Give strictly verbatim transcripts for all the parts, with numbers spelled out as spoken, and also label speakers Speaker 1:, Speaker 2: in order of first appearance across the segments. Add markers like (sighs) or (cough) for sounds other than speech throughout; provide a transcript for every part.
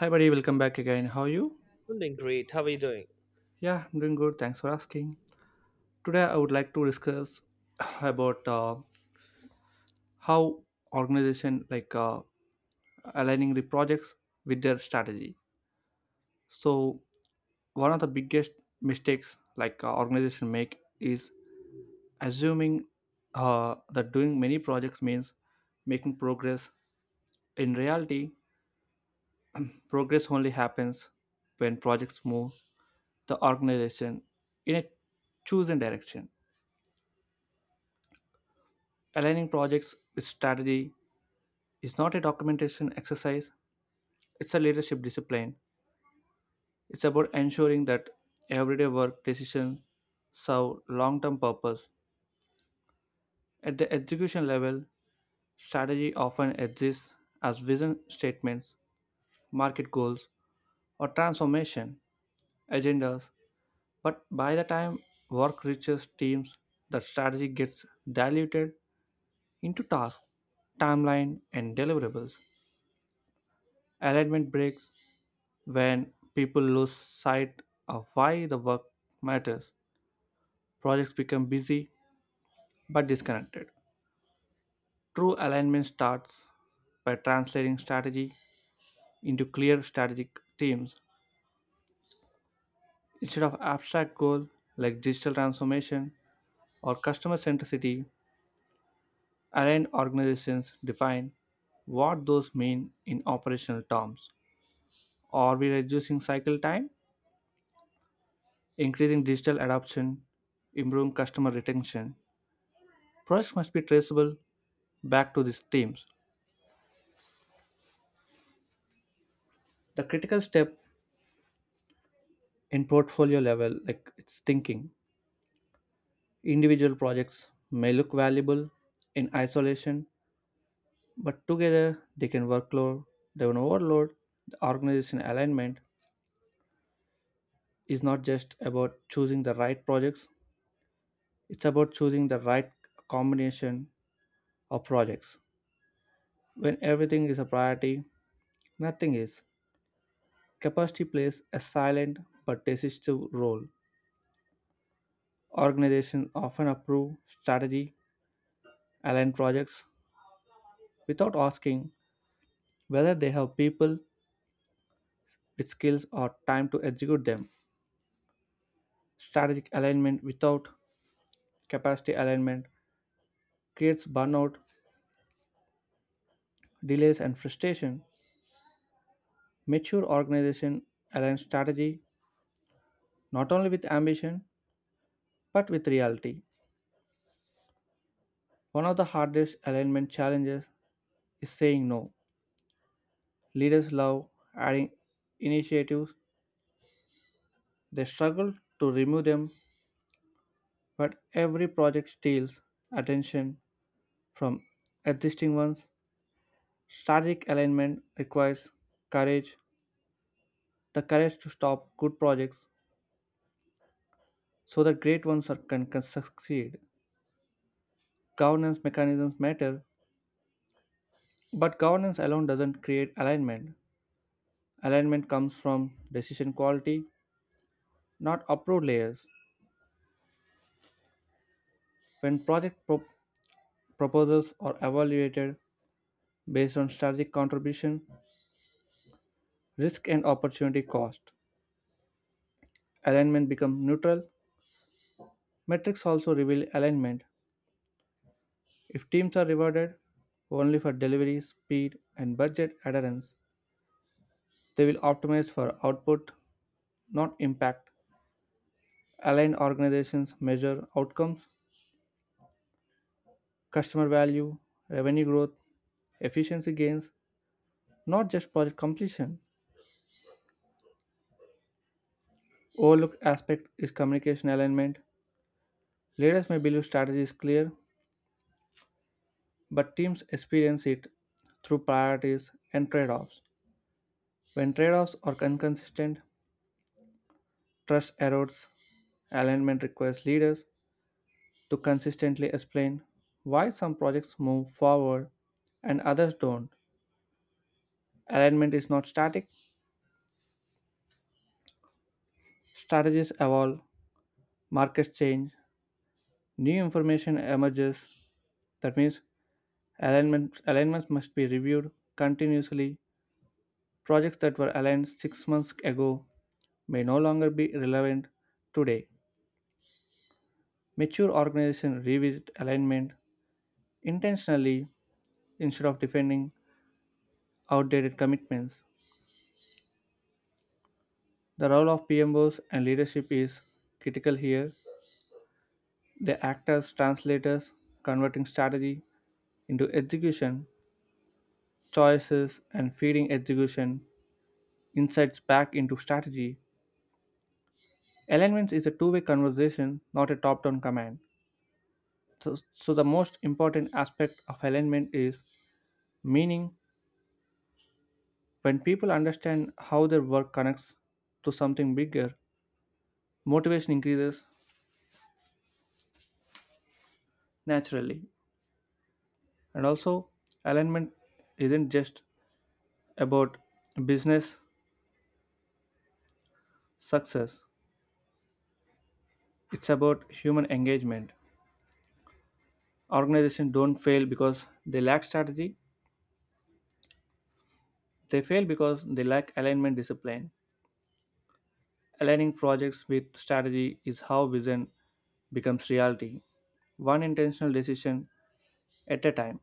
Speaker 1: Hi, buddy. Welcome back again. How are you?
Speaker 2: I'm doing great. How are you doing?
Speaker 1: Yeah, I'm doing good. Thanks for asking. Today, I would like to discuss (sighs) about uh, how organization like uh, aligning the projects with their strategy. So, one of the biggest mistakes like uh, organization make is assuming uh, that doing many projects means making progress. In reality, progress only happens when projects move the organization in a chosen direction. Aligning projects with strategy is not a documentation exercise, it's a leadership discipline. It's about ensuring that everyday work decisions serve long term purpose. At the execution level, strategy often exists as vision statements, market goals, or transformation agendas. But by the time work reaches teams, the strategy gets diluted into tasks, timeline, and deliverables. Alignment breaks when people lose sight of why the work matters, projects become busy but disconnected. True alignment starts by translating strategy into clear strategic themes. Instead of abstract goals like digital transformation or customer centricity, aligned organizations define what those mean in operational terms. Are we reducing cycle time, increasing digital adoption, improving customer retention? Projects must be traceable back to these themes, the critical step in portfolio level like it's thinking. Individual projects may look valuable in isolation, but together they can workload, they can overload the organization. Alignment is not just about choosing the right projects, it's about choosing the right combination of projects. When everything is a priority, nothing is. Capacity plays a silent but decisive role. Organizations often approve strategy aligned projects without asking whether they have people with skills or time to execute them. Strategic alignment without capacity alignment creates burnout, delays, and frustration. Mature organization aligns strategy not only with ambition but with reality. One of the hardest alignment challenges is saying no. Leaders love adding initiatives, they struggle to remove them, but every project steals attention from existing ones. Strategic alignment requires courage, the courage to stop good projects so that great ones are, can, can succeed. Governance mechanisms matter, but governance alone doesn't create alignment. Alignment comes from decision quality, not approved layers. When project pro- proposals are evaluated based on strategic contribution, risk, and opportunity cost, alignment becomes neutral. Metrics also reveal alignment. If teams are rewarded only for delivery, speed, and budget adherence, they will optimize for output, not impact. Aligned organizations measure outcomes, customer value, revenue growth, efficiency gains, not just project completion. Overlooked aspect is communication alignment. Leaders may believe strategy is clear, but teams experience it through priorities and trade offs. When trade offs are inconsistent, trust erodes. Alignment requires leaders to consistently explain why some projects move forward and others don't. Alignment is not static, strategies evolve, markets change, new information emerges. That means alignment, alignments must be reviewed continuously. Projects that were aligned six months ago may no longer be relevant today. Mature organizations revisit alignment intentionally instead of defending outdated commitments. The role of P M Os and leadership is critical here. They act as translators, converting strategy into execution, choices, and feeding execution insights back into strategy. Alignments is a two way conversation, not a top down command. So, so, the most important aspect of alignment is meaning. When people understand how their work connects to something bigger, motivation increases naturally. And also, alignment isn't just about business success. It's about human engagement. Organizations don't fail because they lack strategy. They fail because they lack alignment discipline. Aligning projects with strategy is how vision becomes reality. One intentional decision at a time.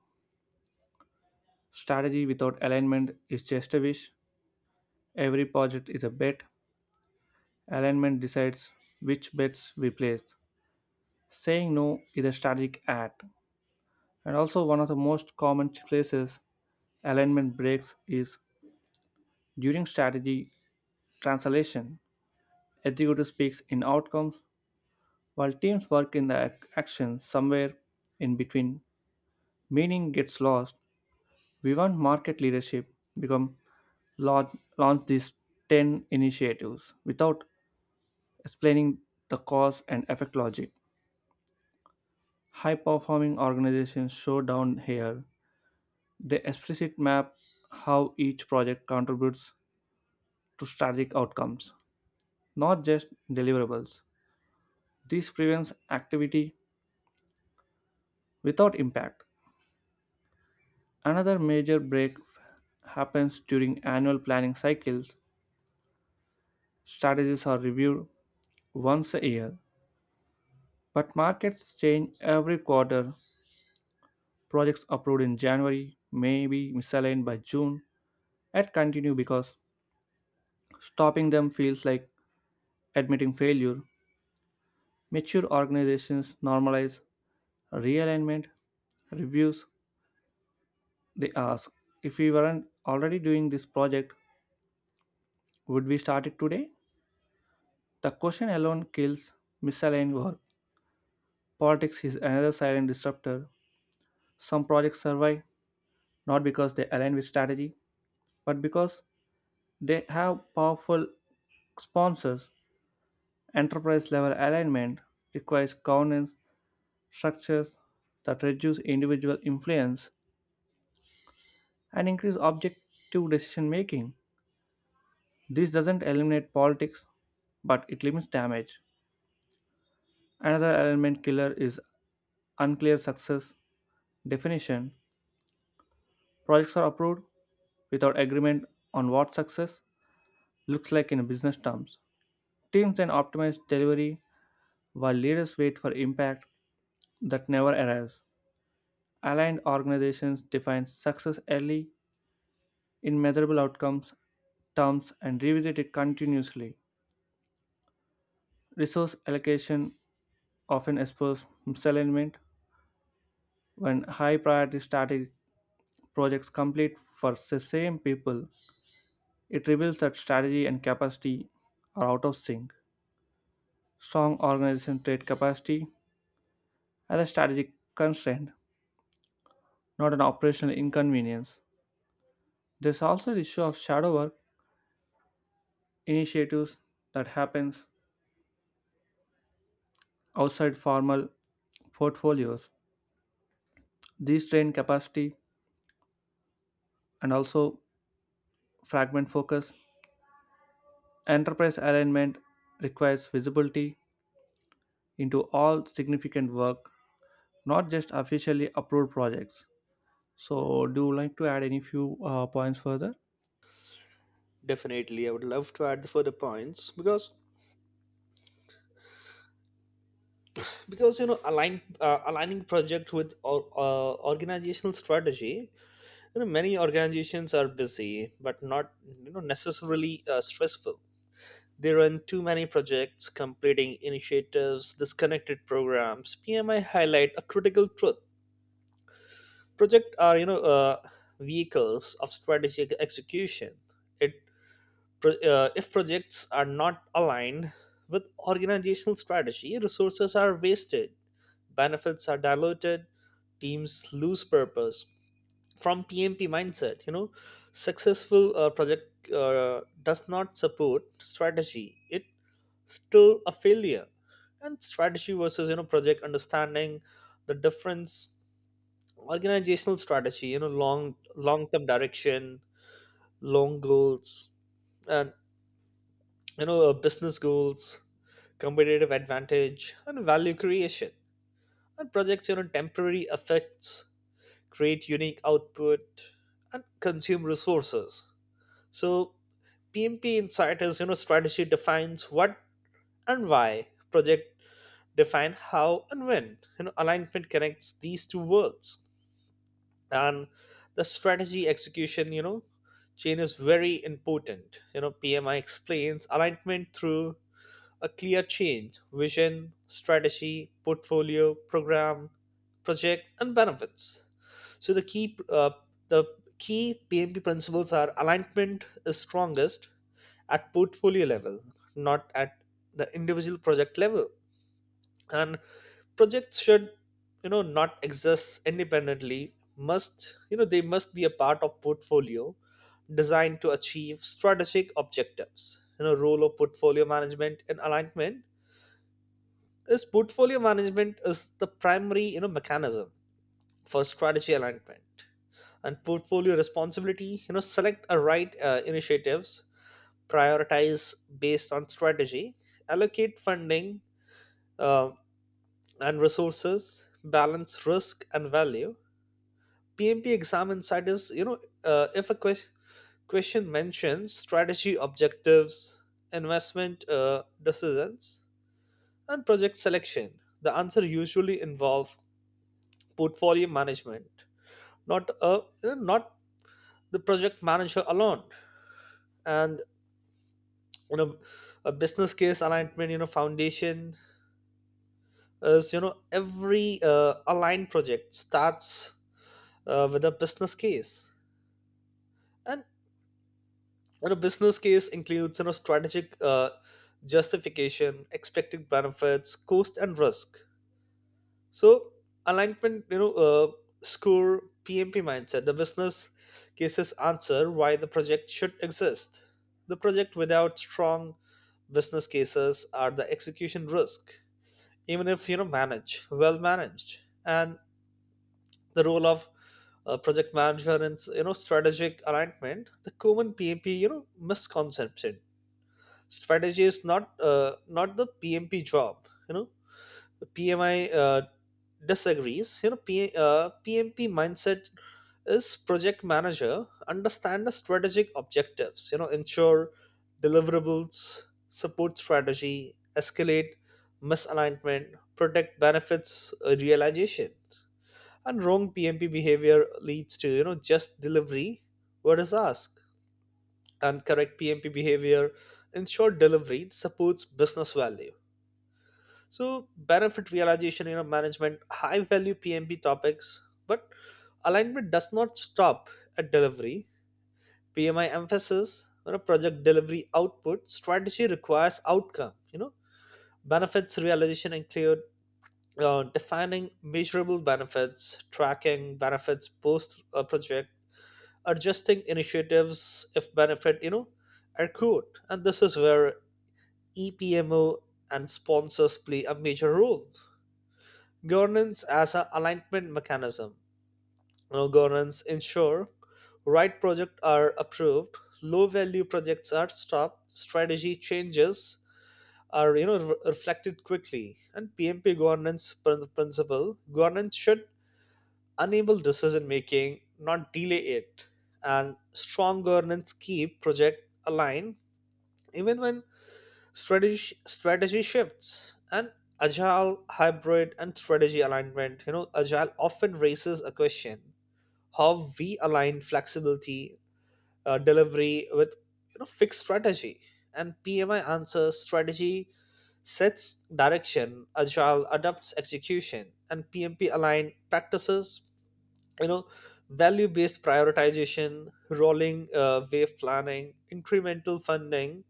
Speaker 1: Strategy without alignment is just a wish. Every project is a bet. Alignment decides which bets we place. Saying no is a strategic act. And also, one of the most common places alignment breaks is during strategy translation. Executive speaks in outcomes while teams work in the ac- action somewhere in between. Meaning gets lost. We want market leadership become launch, launch these ten initiatives without explaining the cause and effect logic. High performing organizations show down here. They explicit map how each project contributes to strategic outcomes, not just deliverables. This prevents activity without impact. Another major break happens during annual planning cycles. Strategies are reviewed once a year, but markets change every quarter. Projects approved in January may be misaligned by June and continue because stopping them feels like admitting failure. Mature organizations normalize realignment reviews. They ask, if we weren't already doing this project, would we start it today? The question alone kills misaligned work. Politics is another silent disruptor. Some projects survive not because they align with strategy, but because they have powerful sponsors. Enterprise level alignment requires governance structures that reduce individual influence and increase objective decision making. This doesn't eliminate politics, but it limits damage. Another element killer is unclear success definition. Projects are approved without agreement on what success looks like in business terms. Teams then optimize delivery while leaders wait for impact that never arrives. Aligned organizations define success early in measurable outcomes terms and revisit it continuously. Resource allocation often exposes misalignment when high priority strategic projects complete for the same people. It reveals that strategy and capacity are out of sync. Strong organization trade capacity as a strategic constraint, not an operational inconvenience. There's also the issue of shadow work initiatives that happens outside formal portfolios. These train capacity and also fragment focus. Enterprise alignment requires visibility into all significant work, not just officially approved projects. So, do you like to add any few uh, points further?
Speaker 2: Definitely, I would love to add the further points because because you know align uh, aligning project with or, uh, organizational strategy. You know, many organizations are busy but not you know necessarily uh, stressful. They run too many projects, completing initiatives, disconnected programs. P M I highlight a critical truth: project are you know uh, vehicles of strategic execution. It. Pro- uh, if projects are not aligned with organizational strategy, resources are wasted, benefits are diluted, teams lose purpose. From P M P mindset, you know, successful uh, project uh, does not support strategy. It still a failure. And strategy versus you know project, understanding the difference. Organizational strategy, you know, long long term direction, long goals, and you know, business goals, competitive advantage, and value creation. And projects, you know, temporary effects, create unique output, and consume resources. So P M P insight is, you know, strategy defines what and why. Project define how and when. You know, alignment connects these two worlds. And the strategy execution, you know, chain is very important. You know, P M I explains alignment through a clear change: vision, strategy, portfolio, program, project, and benefits. So the key uh, the key P M P principles are alignment is strongest at portfolio level, not at the individual project level. And projects should you know not exist independently, must you know they must be a part of portfolio designed to achieve strategic objectives. you know role of portfolio management and alignment is, portfolio management is the primary you know mechanism for strategy alignment. And portfolio responsibility, you know select a right uh, initiatives, prioritize based on strategy, allocate funding uh, and resources, balance risk and value. PMP exam insight is, you know uh, if a que- question mentions strategy objectives, investment uh, decisions, and project selection, the answer usually involve portfolio management, not a not the project manager alone. And you know a business case alignment, you know foundation is, you know every uh, aligned project starts uh, with a business case. And you know business case includes you know strategic uh, justification, expected benefits, cost, and risk. So alignment, you know, uh, score P M P mindset. The business cases answer why the project should exist. The project without strong business cases are the execution risk, even if you know managed, well managed, and the role of uh, project manager and you know strategic alignment. The common P M P, you know, misconception: strategy is not uh, not the P M P job. You know, P M I uh, disagrees. you know P, uh, PMP mindset is, project manager understand the strategic objectives, you know ensure deliverables support strategy, escalate misalignment, protect benefits uh, realization. And wrong PMP behavior leads to you know just delivery what is asked, and correct PMP behavior ensure delivery supports business value. So benefit realization, you know, management, high value P M B topics, but alignment does not stop at delivery. P M I emphasis, you know, project delivery output, strategy requires outcome, you know. Benefits realization include uh, defining measurable benefits, tracking benefits post a project, adjusting initiatives if benefit, you know, accrued. And this is where E P M O and sponsors play a major role. Governance as an alignment mechanism. You know, governance ensure right projects are approved, low value projects are stopped, strategy changes are you know re- reflected quickly, and P M P governance prin- principle, governance should enable decision making, not delay it. And strong governance keep project aligned even when strategy strategy shifts. And agile, hybrid, and strategy alignment. you know agile often raises a question, how we align flexibility uh, delivery with you know fixed strategy. And PMI answers, strategy sets direction, agile adapts execution, and PMP align practices, you know value based prioritization, rolling uh, wave planning, incremental funding,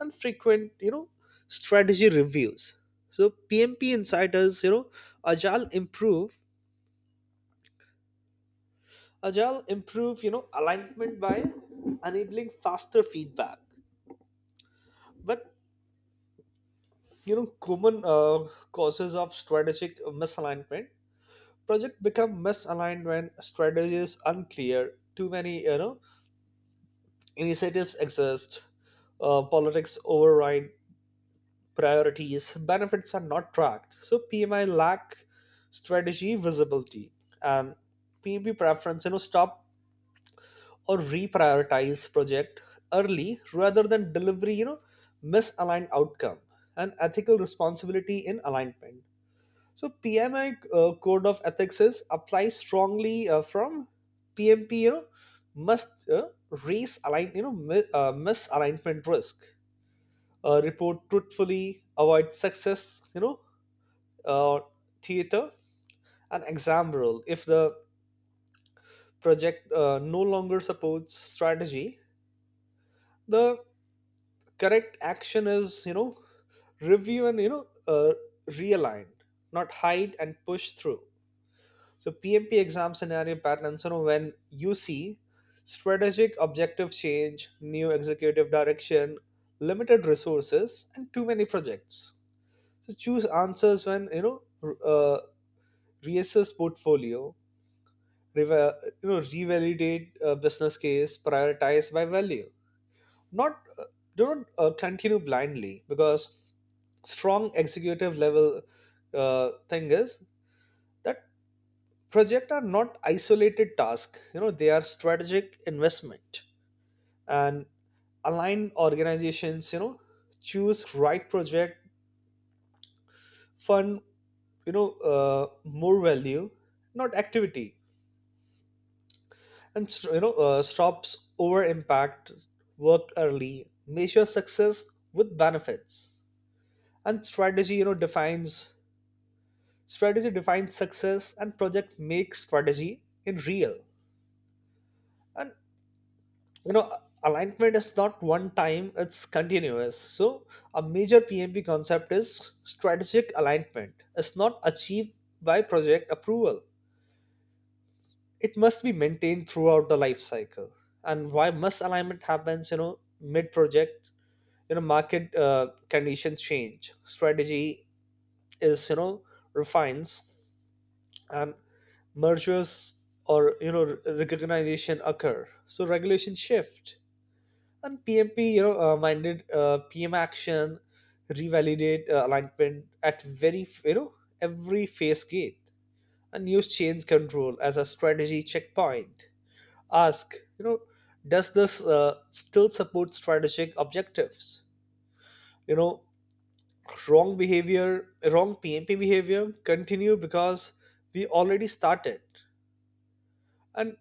Speaker 2: and frequent you know strategy reviews. So PMP insiders, you know agile improve agile improve you know alignment by enabling faster feedback. But you know common uh, causes of strategic misalignment, project become misaligned when strategy is unclear, too many you know initiatives exist, uh, politics override priorities, benefits are not tracked. So P M I lack strategy visibility, and P B preference, you know, stop or reprioritize project early rather than delivery, you know, misaligned outcome. And ethical responsibility in alignment. So P M I uh, code of ethics is applies strongly uh, from P M P, you know, must uh, raise align, you know, mi- uh, misalignment risk, uh, report truthfully, avoid success, you know, uh, theater. And example, if the project uh, no longer supports strategy, the correct action is, you know review and you know uh, realign, not hide and push through. So PMP exam scenario patterns, you know when you see strategic objective change, new executive direction, limited resources, and too many projects, so choose answers when you know r- uh, reassess portfolio, reva- you know revalidate a business case, prioritize by value, not uh, do not uh, continue blindly. Because strong executive level uh, thing is that project are not isolated task, you know they are strategic investment. And align organizations, you know choose right project, fund you know uh, more value, not activity, and st- you know uh, stops over impact work early, measure success with benefits. And strategy you know defines, strategy defines success, and project makes strategy in real. And you know alignment is not one time, it's continuous. So a major PMP concept is strategic alignment, it's not achieved by project approval, it must be maintained throughout the life cycle. And why must alignment happens you know mid project? you know market uh, conditions change, strategy is you know refines, and mergers or you know re- recognition occur, so regulation shift. And PMP, you know uh, minded uh, PM action, revalidate uh, alignment at very f- you know every phase gate, and use change control as a strategy checkpoint. Ask, you know does this uh, still support strategic objectives? you know wrong behavior, wrong P M P behavior, continue because we already started. And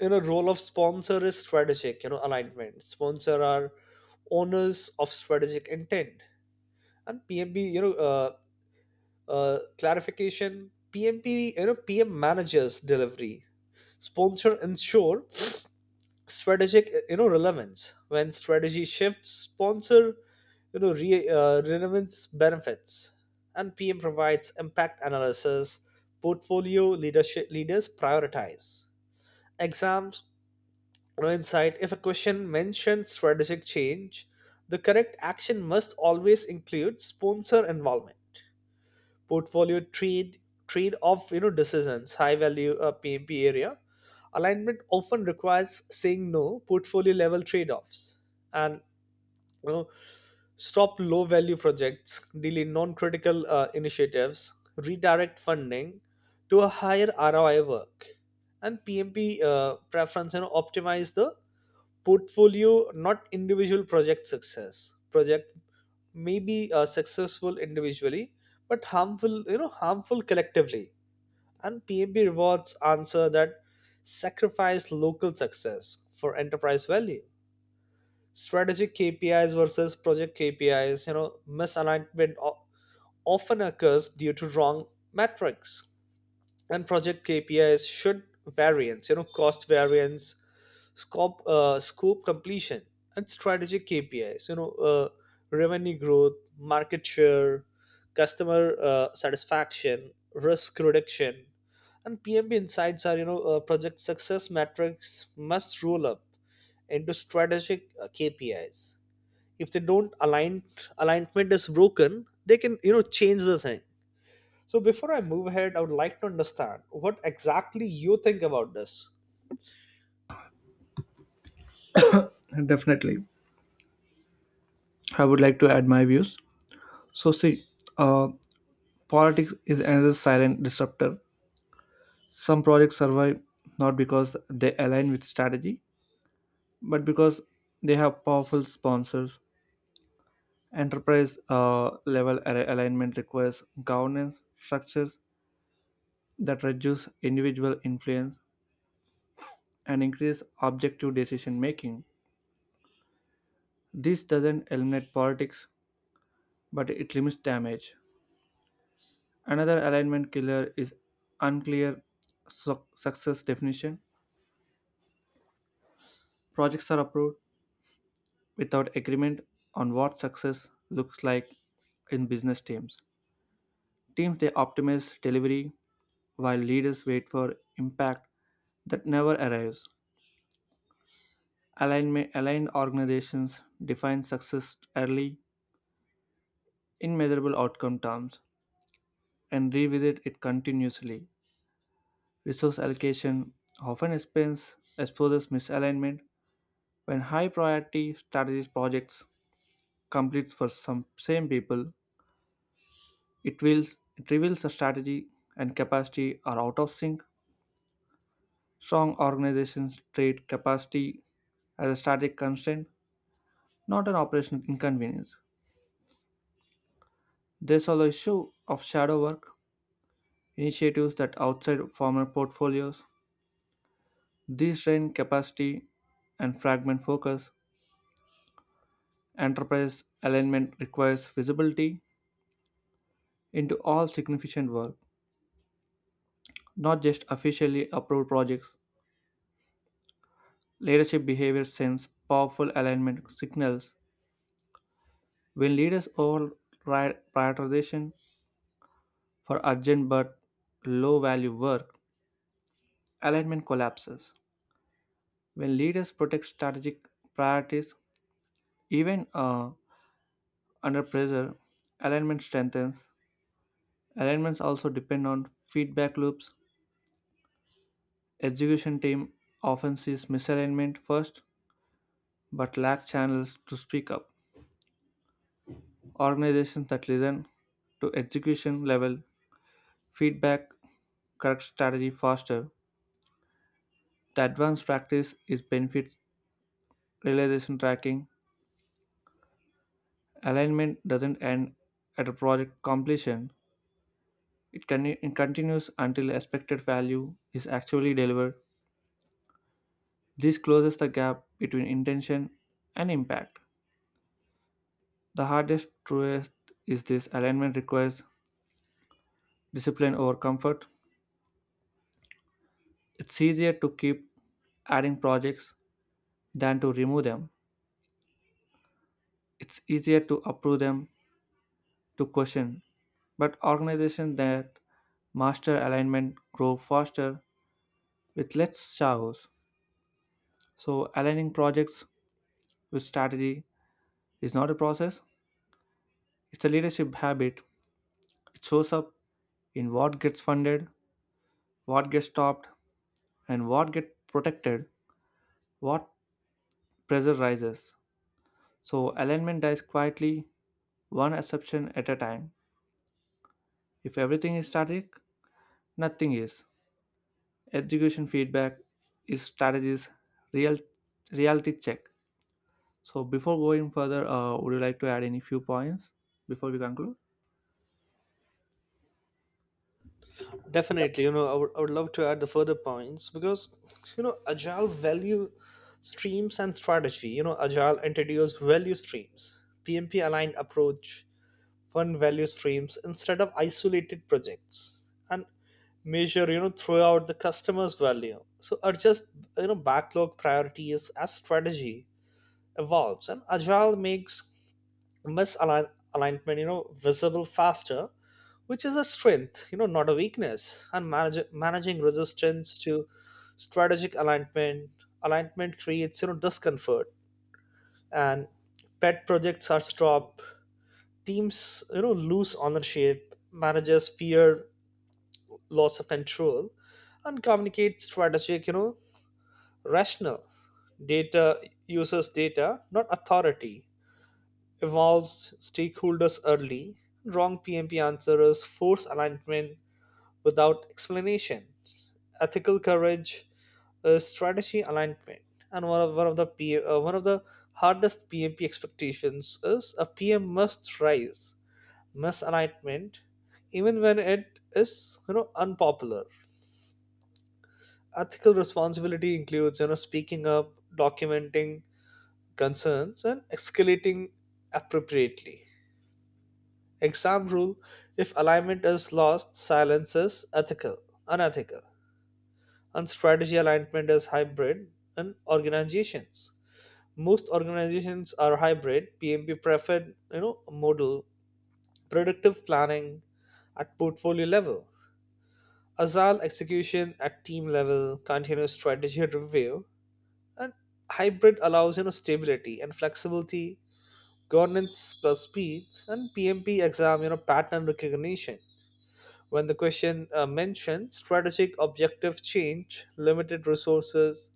Speaker 2: you know, role of sponsor is strategic, you know, alignment. Sponsor are owners of strategic intent. And P M P, you know, uh, uh, clarification, P M P, you know, P M managers delivery. Sponsor ensure strategic uh, you know relevance. When strategy shifts, sponsor you know re, uh, relevance benefits, and PM provides impact analysis, portfolio leadership, leaders prioritize. Exams, you know, insight, if a question mentions strategic change, the correct action must always include sponsor involvement. Portfolio trade trade off, you know decisions, high value uh, PMP area, alignment often requires saying no, portfolio level trade offs. And you know stop low value projects, delay non critical uh, initiatives, redirect funding to a higher R O I work. And PMP uh, preference, and you know, optimize the portfolio, not individual project success. Project may be uh, successful individually but harmful, you know harmful collectively. And PMB rewards answer that sacrifice local success for enterprise value. Strategic KPIs versus project KPIs, you know misalignment o- often occurs due to wrong metrics. And project K P Is should variance, you know, cost variance, scope uh, scope completion, and strategic K P Is, you know, uh, revenue growth, market share, customer uh, satisfaction, risk reduction. And P M B insights are, you know uh, project success metrics must roll up into strategic uh, K P Is. If they don't align, alignment is broken. They can you know change the thing. So before I move ahead, I would like to understand what exactly you think about this.
Speaker 1: Definitely. I would like to add my views. So, see, uh, politics is another silent disruptor. Some projects survive not because they align with strategy, but because they have powerful sponsors. Enterprise uh, level al- alignment requires governance structures that reduce individual influence and increase objective decision making. This doesn't eliminate politics, but it limits damage. Another alignment killer is unclear su- success definition. Projects are approved without agreement on what success looks like in business teams. Teams they optimize delivery while leaders wait for impact that never arrives. Alignment, aligned organizations define success early in measurable outcome terms and revisit it continuously. Resource allocation often expense exposes misalignment when high priority strategies projects completes for some same people. It, wills, it reveals a strategy and capacity are out of sync. Strong organizations treat capacity as a strategic constraint, not an operational inconvenience. There's also issue of shadow work, initiatives that outside formal portfolios. These drain capacity and fragment focus. Enterprise alignment requires visibility into all significant work, not just officially approved projects. Leadership behavior sends powerful alignment signals. When leaders override prioritization for urgent but low value work, alignment collapses. When leaders protect strategic priorities, even uh, under pressure, alignment strengthens. Alignments also depend on feedback loops. Execution team often sees misalignment first but lack channels to speak up. Organizations that listen to execution level feedback correct strategy faster. The advanced practice is benefit realization tracking. Alignment doesn't end at a project completion, it, con- it continues until expected value is actually delivered. This closes the gap between intention and impact. The hardest truth is this alignment requires discipline over comfort. It's easier to keep adding projects than to remove them. It's easier to approve them to question, but organizations that master alignment grow faster with less chaos. So, aligning projects with strategy is not a process, it's a leadership habit. It shows up in what gets funded, what gets stopped, and what gets protected, what pressure rises. So, alignment dies quietly, one exception at a time. If everything is static, nothing is. Execution feedback is strategy's real, reality check. So before going further, uh, would you like to add any few points before we conclude?
Speaker 2: Definitely, you know, I would, I would love to add the further points because, you know, agile value streams and strategy. You know, agile introduced value streams, P M P aligned approach, fund value streams instead of isolated projects, and measure, you know, throughout the customer's value. So adjust, you know, backlog priorities as strategy evolves. And agile makes misalignment alignment you know visible faster, which is a strength, you know not a weakness. And manage, managing resistance to strategic alignment. Alignment creates you know discomfort, and pet projects are stopped, teams you know lose ownership, managers fear loss of control. And communicate strategic, you know rational, data, uses data not authority, involves stakeholders early. Wrong P M P answers force alignment without explanation. Ethical courage, uh, strategy alignment, and one of one of the P, uh, one of the hardest P M P expectations is a P M must rise misalignment, even when it is you know unpopular. Ethical responsibility includes you know speaking up, documenting concerns, and escalating appropriately. Exam rule, if alignment is lost, silence is ethical, unethical. And strategy alignment is hybrid in organizations. Most organizations are hybrid, P M P preferred, you know, model, predictive planning at portfolio level, agile execution at team level, continuous strategy review, and hybrid allows you know stability and flexibility, governance plus speed. And P M P exam, you know pattern recognition, when the question uh, mentioned strategic objective change, limited resources,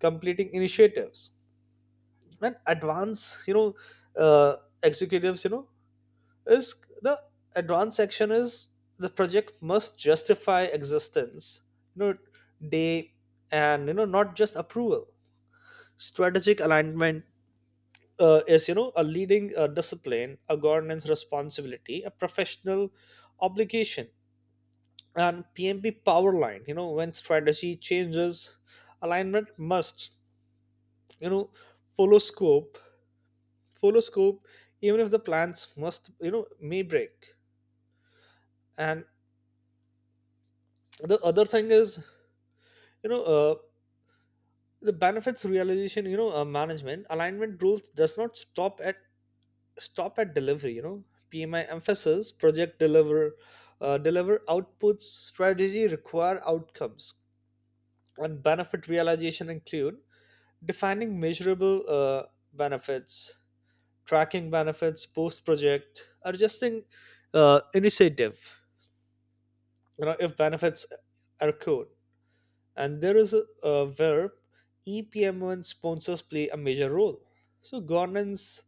Speaker 2: completing initiatives, and advance, you know uh, executives, you know is the advance section is, the project must justify existence, you know day, and you know not just approval. Strategic alignment uh, is, you know a leading uh, discipline, a governance responsibility, a professional obligation. And P M P power line, You know, when strategy changes, alignment must, you know, follow scope, follow scope, even if the plans must, you know, may break. And the other thing is, you know, uh, the benefits realization, you know, uh, management alignment rules does not stop at stop at delivery. You know, P M I emphasis project deliver, uh, deliver outputs. Strategy require outcomes. And benefit realization include defining measurable uh, benefits, tracking benefits post project, adjusting uh, initiative, you know, if benefits are accrued. And there is a, a where E P M and sponsors play a major role. So governance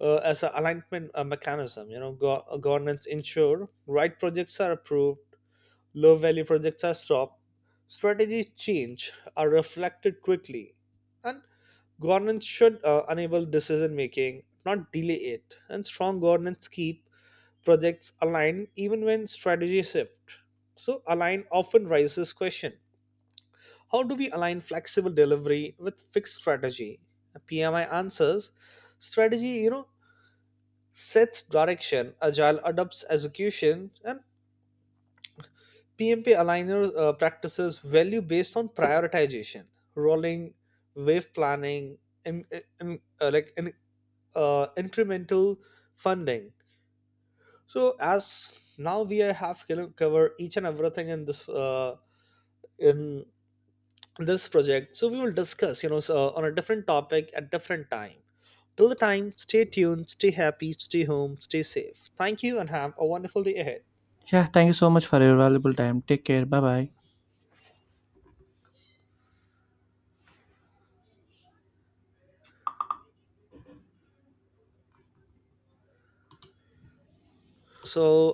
Speaker 2: uh, as an alignment uh, mechanism, you know, go- uh, governance ensure right projects are approved, low value projects are stopped, strategy change are reflected quickly, and governance should uh, enable decision making, not delay it. And strong governance keep projects aligned even when strategy shift. So align often raises question, how do we align flexible delivery with fixed strategy? P M I answers strategy, you know, sets direction, agile adopts execution, and P M P aligner uh, practices, value based on prioritization, rolling wave planning, in, in, uh, like in, uh, incremental funding. So as now we have, you know, covered each and everything in this uh, in this project. So we will discuss, you know so uh, on a different topic at different time. Till the time, stay tuned, stay happy, stay home, stay safe. Thank you, and have a wonderful day ahead.
Speaker 1: Yeah, thank you so much for your valuable time. Take care. Bye bye.
Speaker 2: So